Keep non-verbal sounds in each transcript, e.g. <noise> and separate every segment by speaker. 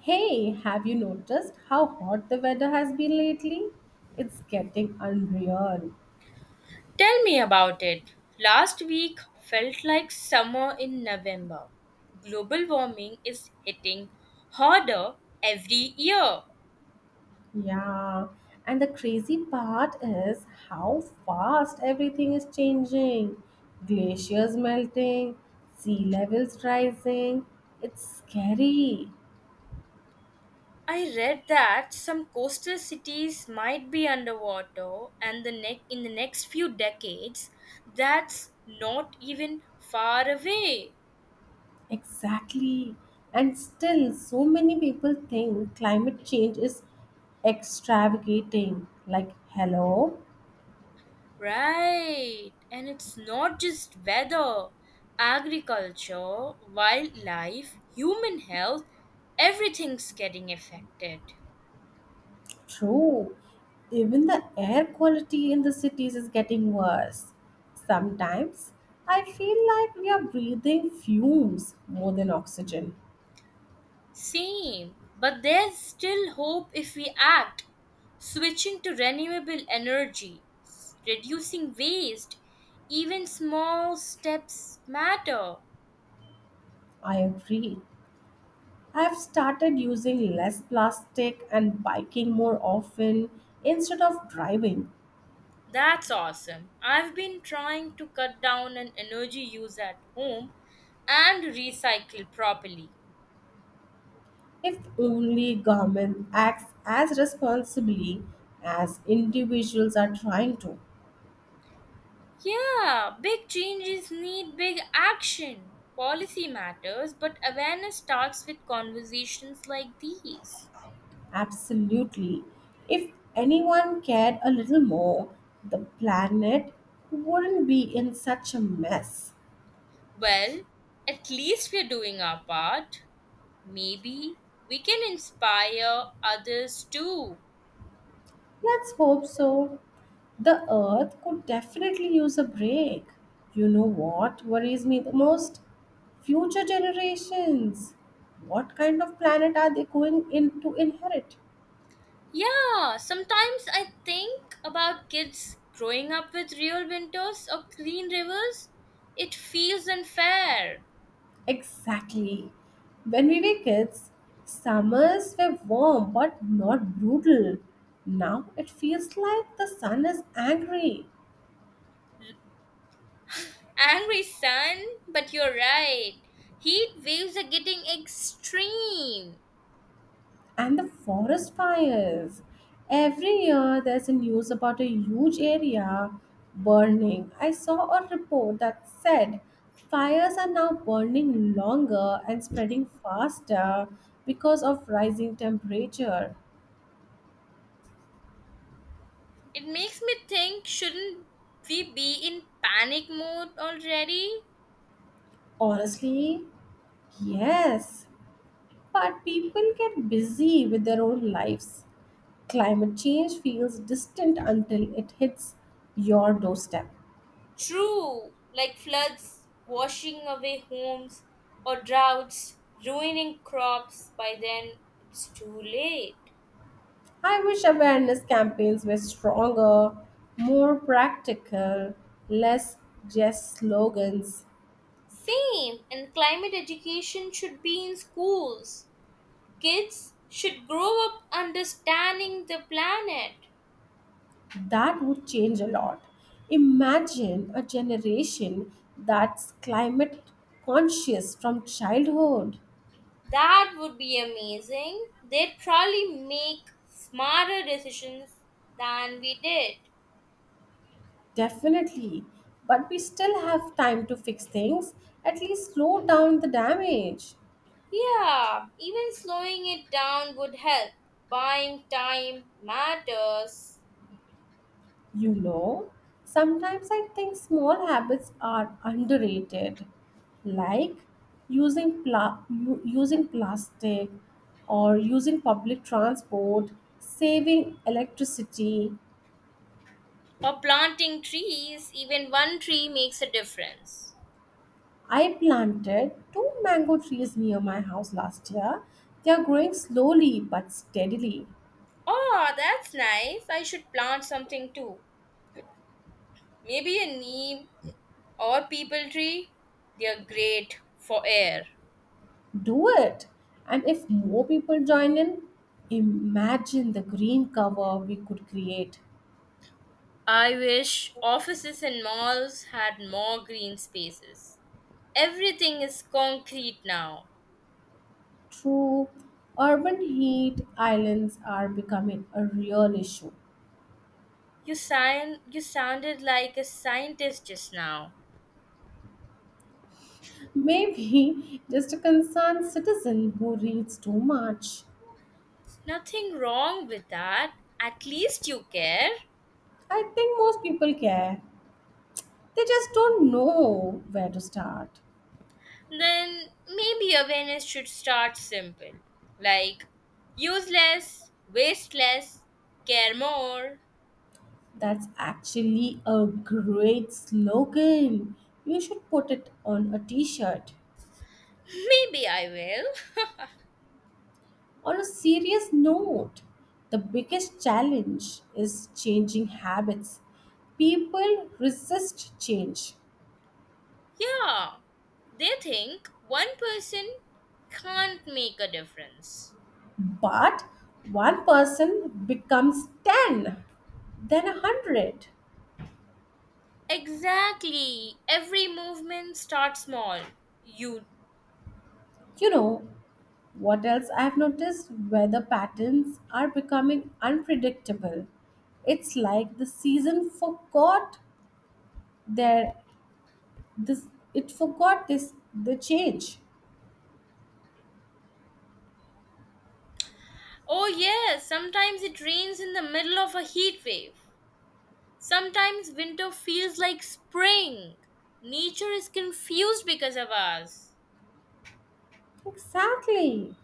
Speaker 1: Hey, have you noticed how hot the weather has been lately? It's getting unreal.
Speaker 2: Tell me about it. Last week felt like summer in November. Global warming is hitting harder every year.
Speaker 1: Yeah, and the crazy part is how fast everything is changing. Glaciers melting, sea levels rising. It's scary.
Speaker 2: I read that some coastal cities might be underwater in the next few decades. That's not even far away.
Speaker 1: Exactly. And still, so many people think climate change is extravagating. Like, hello?
Speaker 2: Right, and it's not just weather, agriculture, wildlife, human health, everything's getting affected.
Speaker 1: True. Even the air quality in the cities is getting worse. Sometimes I feel like we are breathing fumes more than oxygen.
Speaker 2: Same, but there's still hope if we act. Switching to renewable energy, reducing waste, even small steps matter.
Speaker 1: I agree. I have started using less plastic and biking more often instead of driving.
Speaker 2: That's awesome. I've been trying to cut down on energy use at home and recycle properly.
Speaker 1: If only government acts as responsibly as individuals are trying to.
Speaker 2: Yeah, big changes need big action. Policy matters, but awareness starts with conversations like these.
Speaker 1: Absolutely. If anyone cared a little more, the planet wouldn't be in such a mess.
Speaker 2: Well, at least we're doing our part. Maybe we can inspire others too.
Speaker 1: Let's hope so. The Earth could definitely use a break. You know what worries me the most? Future generations. What kind of planet are they going in to inherit?
Speaker 2: Yeah, sometimes I think about kids growing up with real winters or clean rivers. It feels unfair.
Speaker 1: Exactly. When we were kids, summers were warm but not brutal. Now it feels like the sun is angry
Speaker 2: Angry sun, but you're right. Heat waves are getting extreme.
Speaker 1: and the forest fires. Every year there's a news about a huge area burning. I saw a report that said fires are now burning longer and spreading faster because of rising temperature.
Speaker 2: It makes me think, shouldn't we be in panic mode already?
Speaker 1: Honestly, yes. But people get busy with their own lives. Climate change feels distant until it hits your doorstep.
Speaker 2: True, like floods washing away homes or droughts ruining crops, by then it's too late.
Speaker 1: I wish awareness campaigns were stronger, more practical, less just slogans.
Speaker 2: Same, and climate education should be in schools. Kids should grow up understanding the planet.
Speaker 1: That would change a lot. Imagine a generation that's climate conscious from childhood.
Speaker 2: That would be amazing. They'd probably make smarter decisions than we did.
Speaker 1: Definitely. But we still have time to fix things, at least slow down the damage.
Speaker 2: Yeah, even slowing it down would help. Buying time matters.
Speaker 1: You know, sometimes I think small habits are underrated, like using plastic or using public transport, saving electricity.
Speaker 2: Or planting trees, even one tree makes a difference.
Speaker 1: I planted two mango trees near my house last year. They are growing slowly but steadily.
Speaker 2: Oh, that's nice. I should plant something too. Maybe a neem or people tree. They're great for air.
Speaker 1: Do it. And if more people join in, imagine the green cover we could create.
Speaker 2: I wish offices and malls had more green spaces. Everything is concrete now.
Speaker 1: True, urban heat islands are becoming a real issue.
Speaker 2: You sounded like a scientist just now.
Speaker 1: Maybe <laughs> just a concerned citizen who reads too much.
Speaker 2: Nothing wrong with that. At least you care.
Speaker 1: I think most people care. They just don't know where to start.
Speaker 2: Then maybe awareness should start simple. Like, use less, waste less, care more.
Speaker 1: That's actually a great slogan. You should put it on a t shirt.
Speaker 2: <laughs> Maybe I will.
Speaker 1: On a serious note, the biggest challenge is changing habits. People resist change,
Speaker 2: Yeah. They think one person can't make a difference.
Speaker 1: but one person becomes 10, then 100.
Speaker 2: Exactly. Every movement starts small. You.
Speaker 1: You know, what else I have noticed? Weather patterns are becoming unpredictable. It's like the season forgot their this it forgot this the change.
Speaker 2: Oh, yes, sometimes it rains in the middle of a heat wave. Sometimes winter feels like spring. Nature is confused because of us.
Speaker 1: Exactly.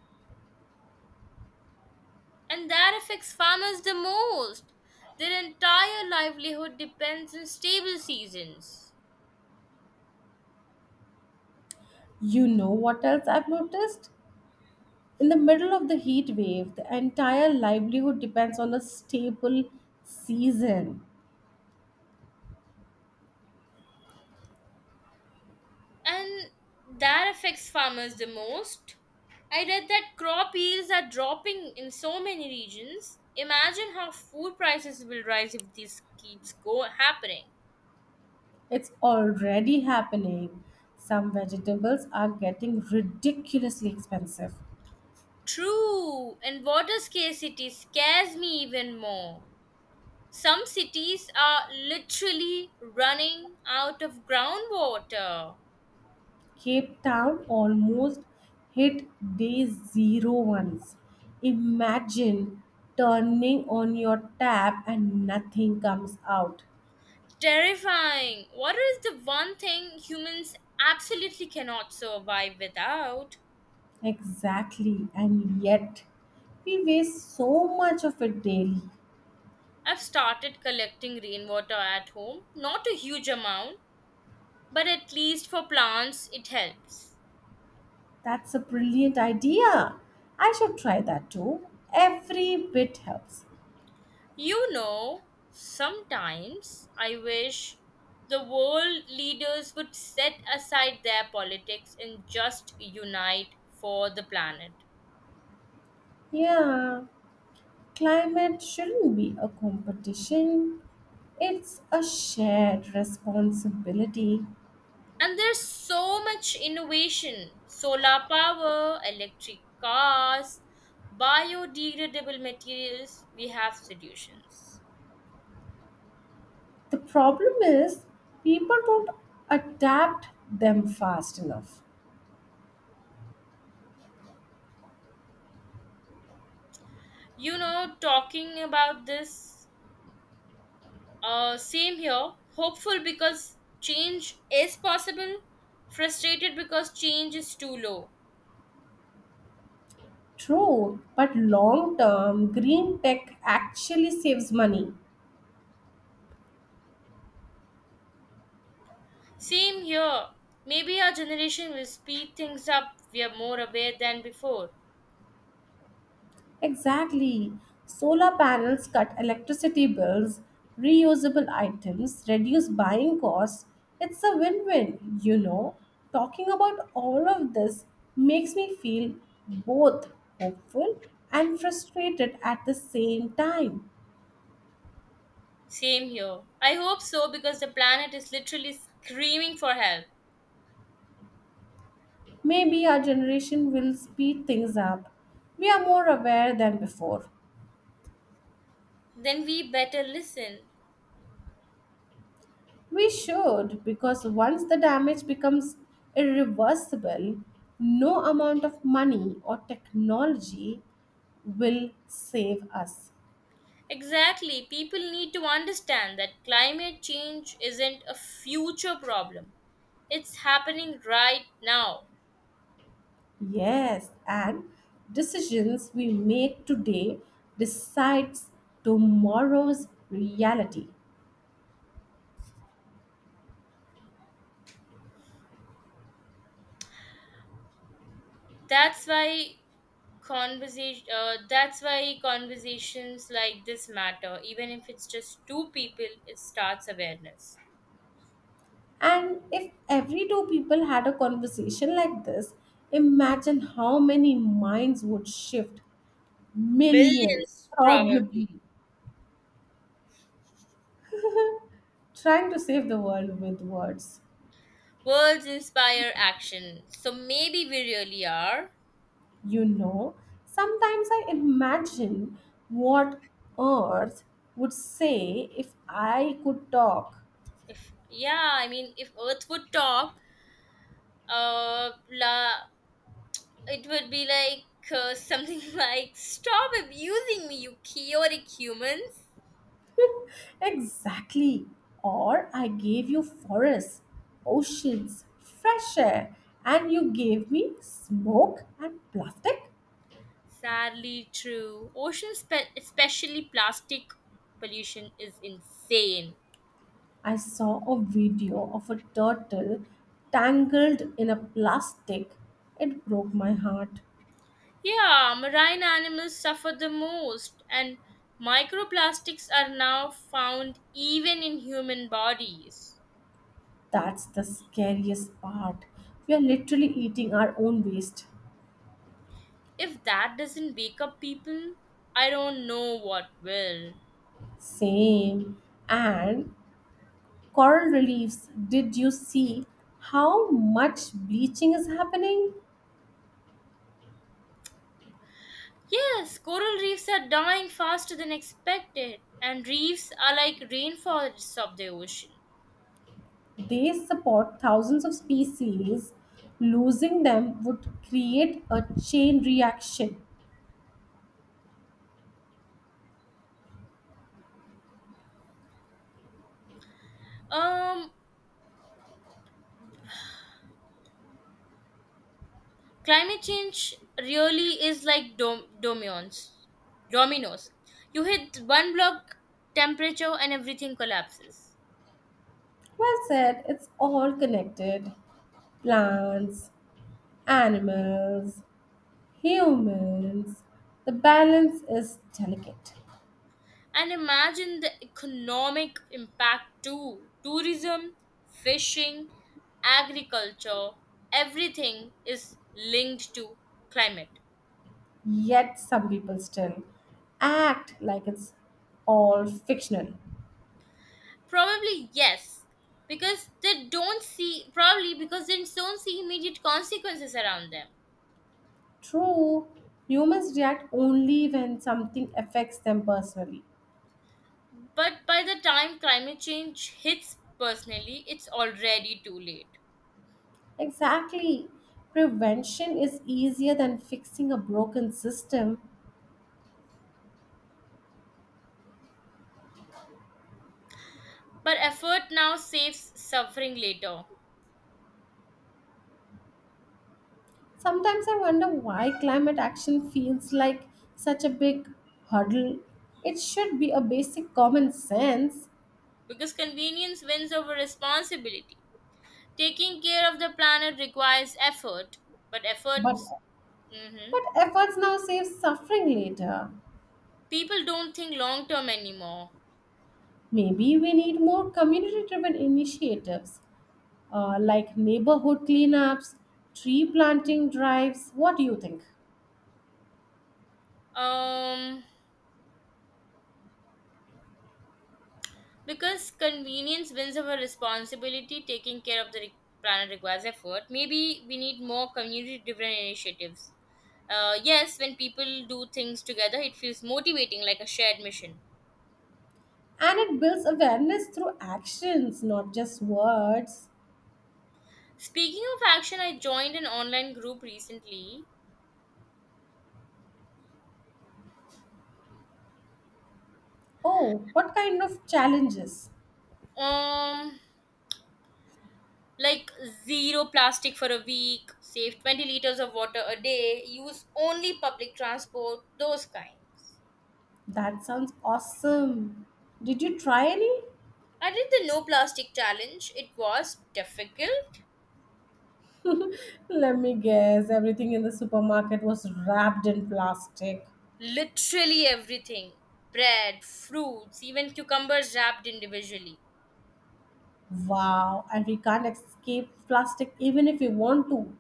Speaker 2: And that affects farmers the most. Their entire livelihood depends on stable seasons.
Speaker 1: You know what else I've noticed? In the middle of the heat wave, the entire livelihood depends on a stable season.
Speaker 2: And that affects farmers the most. I read that crop yields are dropping in so many regions. Imagine how food prices will rise if this keeps go happening.
Speaker 1: It's already happening. Some vegetables are getting ridiculously expensive.
Speaker 2: True, and water scarcity scares me even more. Some cities are literally running out of groundwater.
Speaker 1: Cape Town almost hit day zero once. Imagine turning on your tap and nothing comes out.
Speaker 2: Terrifying. Water is the one thing humans absolutely cannot survive without.
Speaker 1: Exactly, and yet we waste so much of it daily.
Speaker 2: I've started collecting rainwater at home, not a huge amount, but at least for plants it helps.
Speaker 1: That's a brilliant idea. I should try that too. Every bit helps.
Speaker 2: You know, sometimes I wish the world leaders would set aside their politics and just unite for the planet.
Speaker 1: Yeah, climate shouldn't be a competition, it's a shared responsibility.
Speaker 2: And there's so much innovation, solar power, electric cars, biodegradable materials. We have solutions.
Speaker 1: The problem is people don't adapt them fast enough.
Speaker 2: You know, talking about this, same here. Hopeful because change is possible. Frustrated because change is too low.
Speaker 1: True, but long term, green tech actually saves money.
Speaker 2: Same here. Maybe our generation will speed things up. We are more aware than before.
Speaker 1: Exactly. Solar panels cut electricity bills, reusable items, reduce buying costs. It's a win win, you know. Talking about all of this makes me feel both hopeful and frustrated at the same time.
Speaker 2: Same here. I hope so because the planet is literally screaming for help.
Speaker 1: Maybe our generation will speed things up. We are more aware than before.
Speaker 2: Then we better listen.
Speaker 1: We should, because once the damage becomes irreversible, no amount of money or technology will save us.
Speaker 2: Exactly. People need to understand that climate change isn't a future problem, it's happening right now.
Speaker 1: Yes, and decisions we make today decides tomorrow's reality.
Speaker 2: That's why that's why conversations like this matter, even if it's just two people, it starts awareness.
Speaker 1: And if every two people had a conversation like this, imagine how many minds would shift. Millions,
Speaker 2: Millions
Speaker 1: probably.
Speaker 2: probably.
Speaker 1: Trying to save the world with words.
Speaker 2: Words inspire action, so maybe we really are.
Speaker 1: You know, sometimes I imagine what Earth would say if I could talk.
Speaker 2: If, yeah, I mean, if earth would talk, uh la, it would be like something <laughs> like stop abusing me you chaotic humans.
Speaker 1: <laughs> Exactly. Or I gave you forests, oceans, fresh air, and you gave me smoke and plastic.
Speaker 2: Sadly true. Ocean, especially plastic pollution, is insane.
Speaker 1: I saw a video of a turtle tangled in a plastic. It broke my heart.
Speaker 2: Yeah, marine animals suffer the most, and microplastics are now found even in human bodies.
Speaker 1: That's the scariest part. We are literally eating our own waste.
Speaker 2: If that doesn't wake up people, I don't know what will.
Speaker 1: Same. And coral reefs, did you see how much bleaching is happening?
Speaker 2: Yes, coral reefs are dying faster than expected, and reefs are like rainforests of the ocean.
Speaker 1: They support thousands of species. Losing them would create a chain reaction.
Speaker 2: Um, Climate change really is like dominoes. Dominoes. You hit one block temperature and everything collapses.
Speaker 1: Well said, it's all connected plants, animals, humans. The balance is delicate.
Speaker 2: And imagine the economic impact too. Tourism, fishing, agriculture, everything is linked to climate.
Speaker 1: Yet some people still act like it's all fictional.
Speaker 2: Probably yes, because they don't see probably because they don't see immediate consequences around them.
Speaker 1: True, humans react only when something affects them personally.
Speaker 2: But by the time climate change hits personally, it's already too late.
Speaker 1: Exactly. Prevention is easier than fixing a broken system.
Speaker 2: But effort now saves suffering later.
Speaker 1: Sometimes I wonder why climate action feels like such a big hurdle. It should be a basic common sense,
Speaker 2: Because convenience wins over responsibility, taking care of the planet requires effort, but
Speaker 1: but
Speaker 2: efforts, hmm
Speaker 1: but efforts now save suffering later.
Speaker 2: people don't think long term anymore.
Speaker 1: Maybe we need more community driven initiatives like neighborhood cleanups, tree planting drives. What do you think?
Speaker 2: Um, Because convenience wins over responsibility, taking care of the planet requires effort. Maybe we need more community driven initiatives. Yes, when people do things together, it feels motivating like a shared mission.
Speaker 1: And it builds awareness through actions, not just words.
Speaker 2: Speaking of action, I joined an online group recently.
Speaker 1: Oh, what kind of challenges?
Speaker 2: Um, like zero plastic for a week, save 20 liters of water a day, use only public transport, those kinds.
Speaker 1: That sounds awesome. Did you try any?
Speaker 2: I did the no plastic challenge. It was difficult.
Speaker 1: Let me guess, everything in the supermarket was wrapped in plastic.
Speaker 2: Literally everything, bread, fruits, even cucumbers wrapped individually.
Speaker 1: Wow, and we can't escape plastic even if we want to.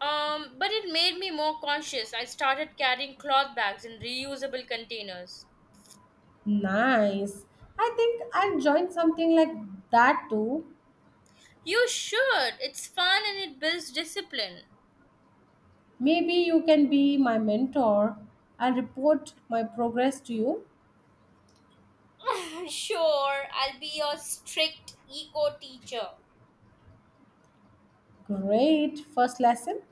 Speaker 2: But it made me more conscious. I started carrying cloth bags in reusable containers.
Speaker 1: Nice. I think I'll join something like that too.
Speaker 2: You should, it's fun and it builds discipline.
Speaker 1: Maybe you can be my mentor. I'll report my progress to you.
Speaker 2: <laughs> Sure, I'll be your strict eco teacher.
Speaker 1: Great. First lesson.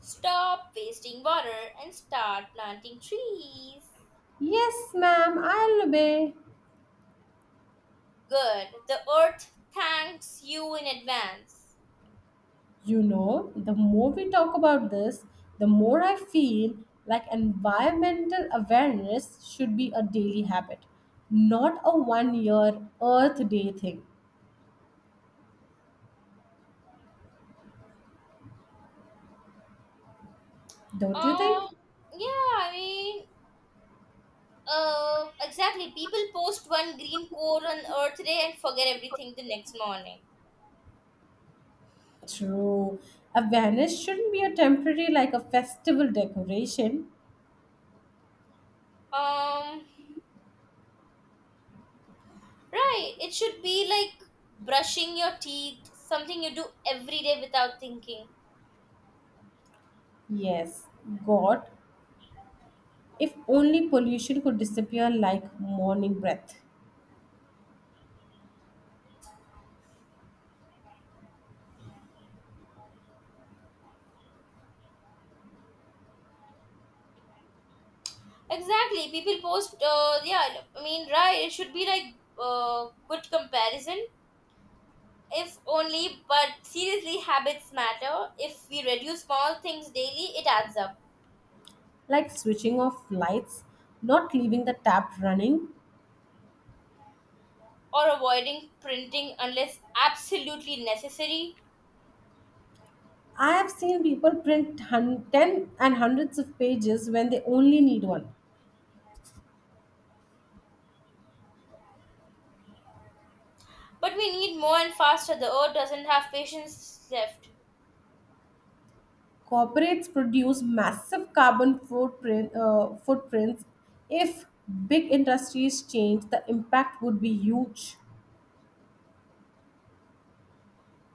Speaker 2: Stop wasting water and start planting trees.
Speaker 1: Yes, ma'am, I'll obey.
Speaker 2: Good. The earth thanks you in advance.
Speaker 1: You know, the more we talk about this, the more I feel like environmental awareness should be a daily habit, not a one year Earth Day thing. Don't you
Speaker 2: Uh,
Speaker 1: think?
Speaker 2: yeah, exactly. People post one green core on Earth Day and forget everything the next morning.
Speaker 1: True. A vanish shouldn't be a temporary like a festival decoration.
Speaker 2: Um, right. It should be like brushing your teeth, something you do every day without thinking.
Speaker 1: Yes, God, if only pollution could disappear like morning breath.
Speaker 2: Exactly. People post. Yeah. I mean, right. It should be like good comparison. If only, but seriously, habits matter. If we reduce small things daily, it adds up.
Speaker 1: Like switching off lights, not leaving the tap running.
Speaker 2: Or avoiding printing unless absolutely necessary.
Speaker 1: I have seen people print 10 and hundreds of pages when they only need one.
Speaker 2: But we need more and faster. The earth doesn't have patience left.
Speaker 1: Corporates produce massive carbon footprint, footprints. If big industries change, the impact would be huge.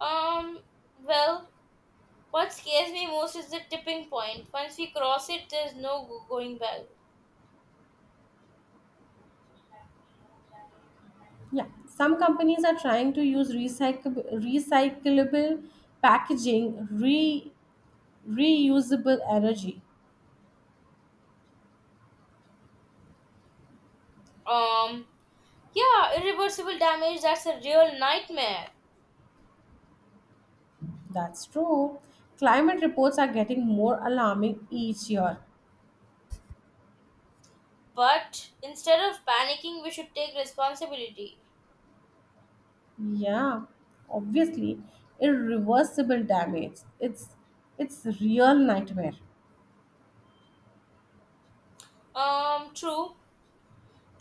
Speaker 2: Um, well, what scares me most is the tipping point. Once we cross it, there's no go- going back.
Speaker 1: Yeah, some companies are trying to use recyclable packaging, reusable energy.
Speaker 2: Um, yeah, irreversible damage, that's a real nightmare.
Speaker 1: That's true. Climate reports are getting more alarming each year.
Speaker 2: But instead of panicking, we should take responsibility.
Speaker 1: Yeah, obviously, irreversible damage. It's real nightmare.
Speaker 2: True,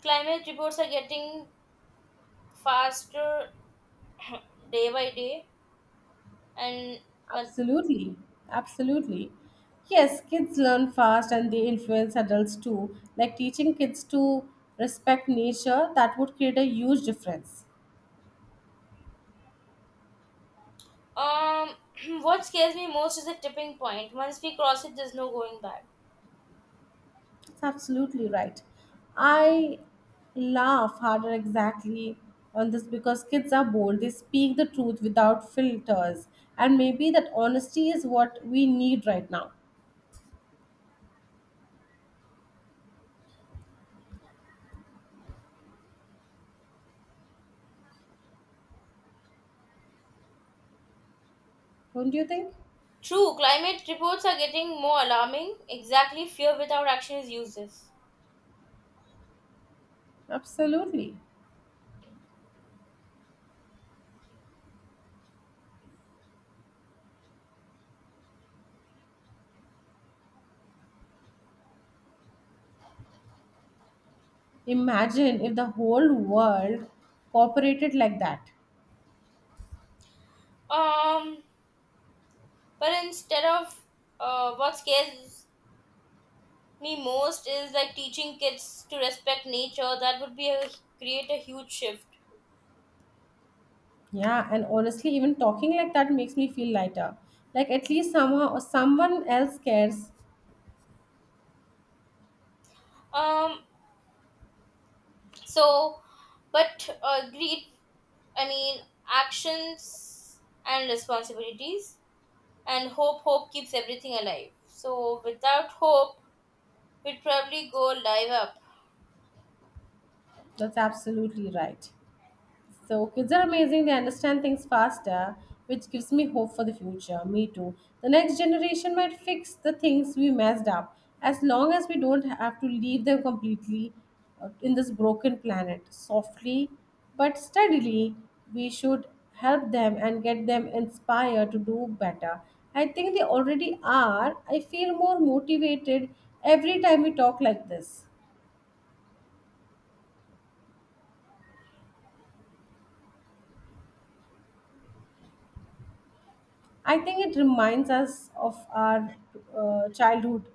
Speaker 2: climate reports are getting faster <coughs> <clears throat> day by day, and
Speaker 1: Absolutely, absolutely. Yes, kids learn fast and they influence adults too. Like teaching kids to respect nature, that would create a huge difference.
Speaker 2: Um, <clears throat> what scares me most is the tipping point. Once we cross it, there's no going back.
Speaker 1: That's absolutely right. I laugh harder exactly on this because kids are bold. They speak the truth without filters. And maybe that honesty is what we need right now. Don't you think?
Speaker 2: True, climate reports are getting more alarming. Exactly, fear without action is useless.
Speaker 1: Absolutely. Imagine if the whole world cooperated like that.
Speaker 2: Um, but instead of What scares me most is like teaching kids to respect nature. That would be a create a huge shift.
Speaker 1: Yeah, and honestly, even talking like that makes me feel lighter. Like at least somehow or someone else cares.
Speaker 2: Um, so, but Agreed. I mean, actions and responsibilities. And hope keeps everything alive, so without hope we'd probably go live up.
Speaker 1: That's absolutely right. So kids are amazing, they understand things faster, which gives me hope for the future. Me too. The next generation might fix the things we messed up as long as we don't have to leave them completely in this broken planet. Softly but steadily, we should help them and get them inspired to do better. I think they already are. I feel more motivated every time we talk like this. I think it reminds us of our childhood.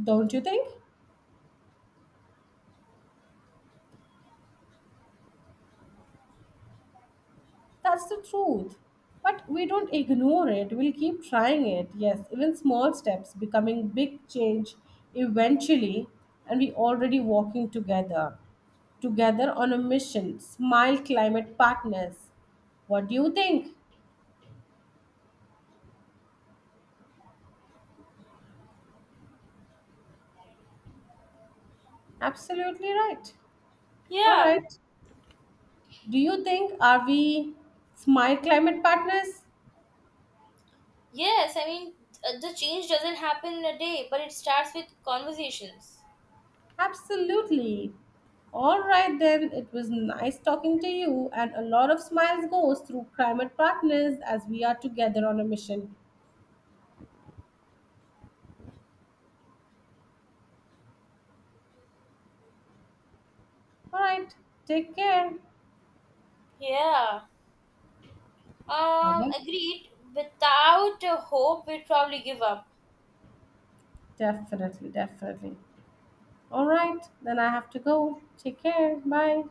Speaker 1: Don't you think? That's the truth. But we don't ignore it. We'll keep trying it. Yes, even small steps becoming big change eventually. And we already walking together. Together on a mission. Smile Climate Partners. What do you think? Absolutely right. All
Speaker 2: Yeah.
Speaker 1: right. Do you think are we Smile Climate Partners?
Speaker 2: Yes, I mean, the change doesn't happen in a day but it starts with conversations.
Speaker 1: Absolutely. All right, then. It was nice talking to you, and a lot of smiles goes through climate partners as we are together on a mission. All right. Take care.
Speaker 2: Yeah.
Speaker 1: Bye-bye.
Speaker 2: Agreed, without a hope we'd probably give up.
Speaker 1: Definitely, definitely. All right. Then I have to go. Take care. Bye.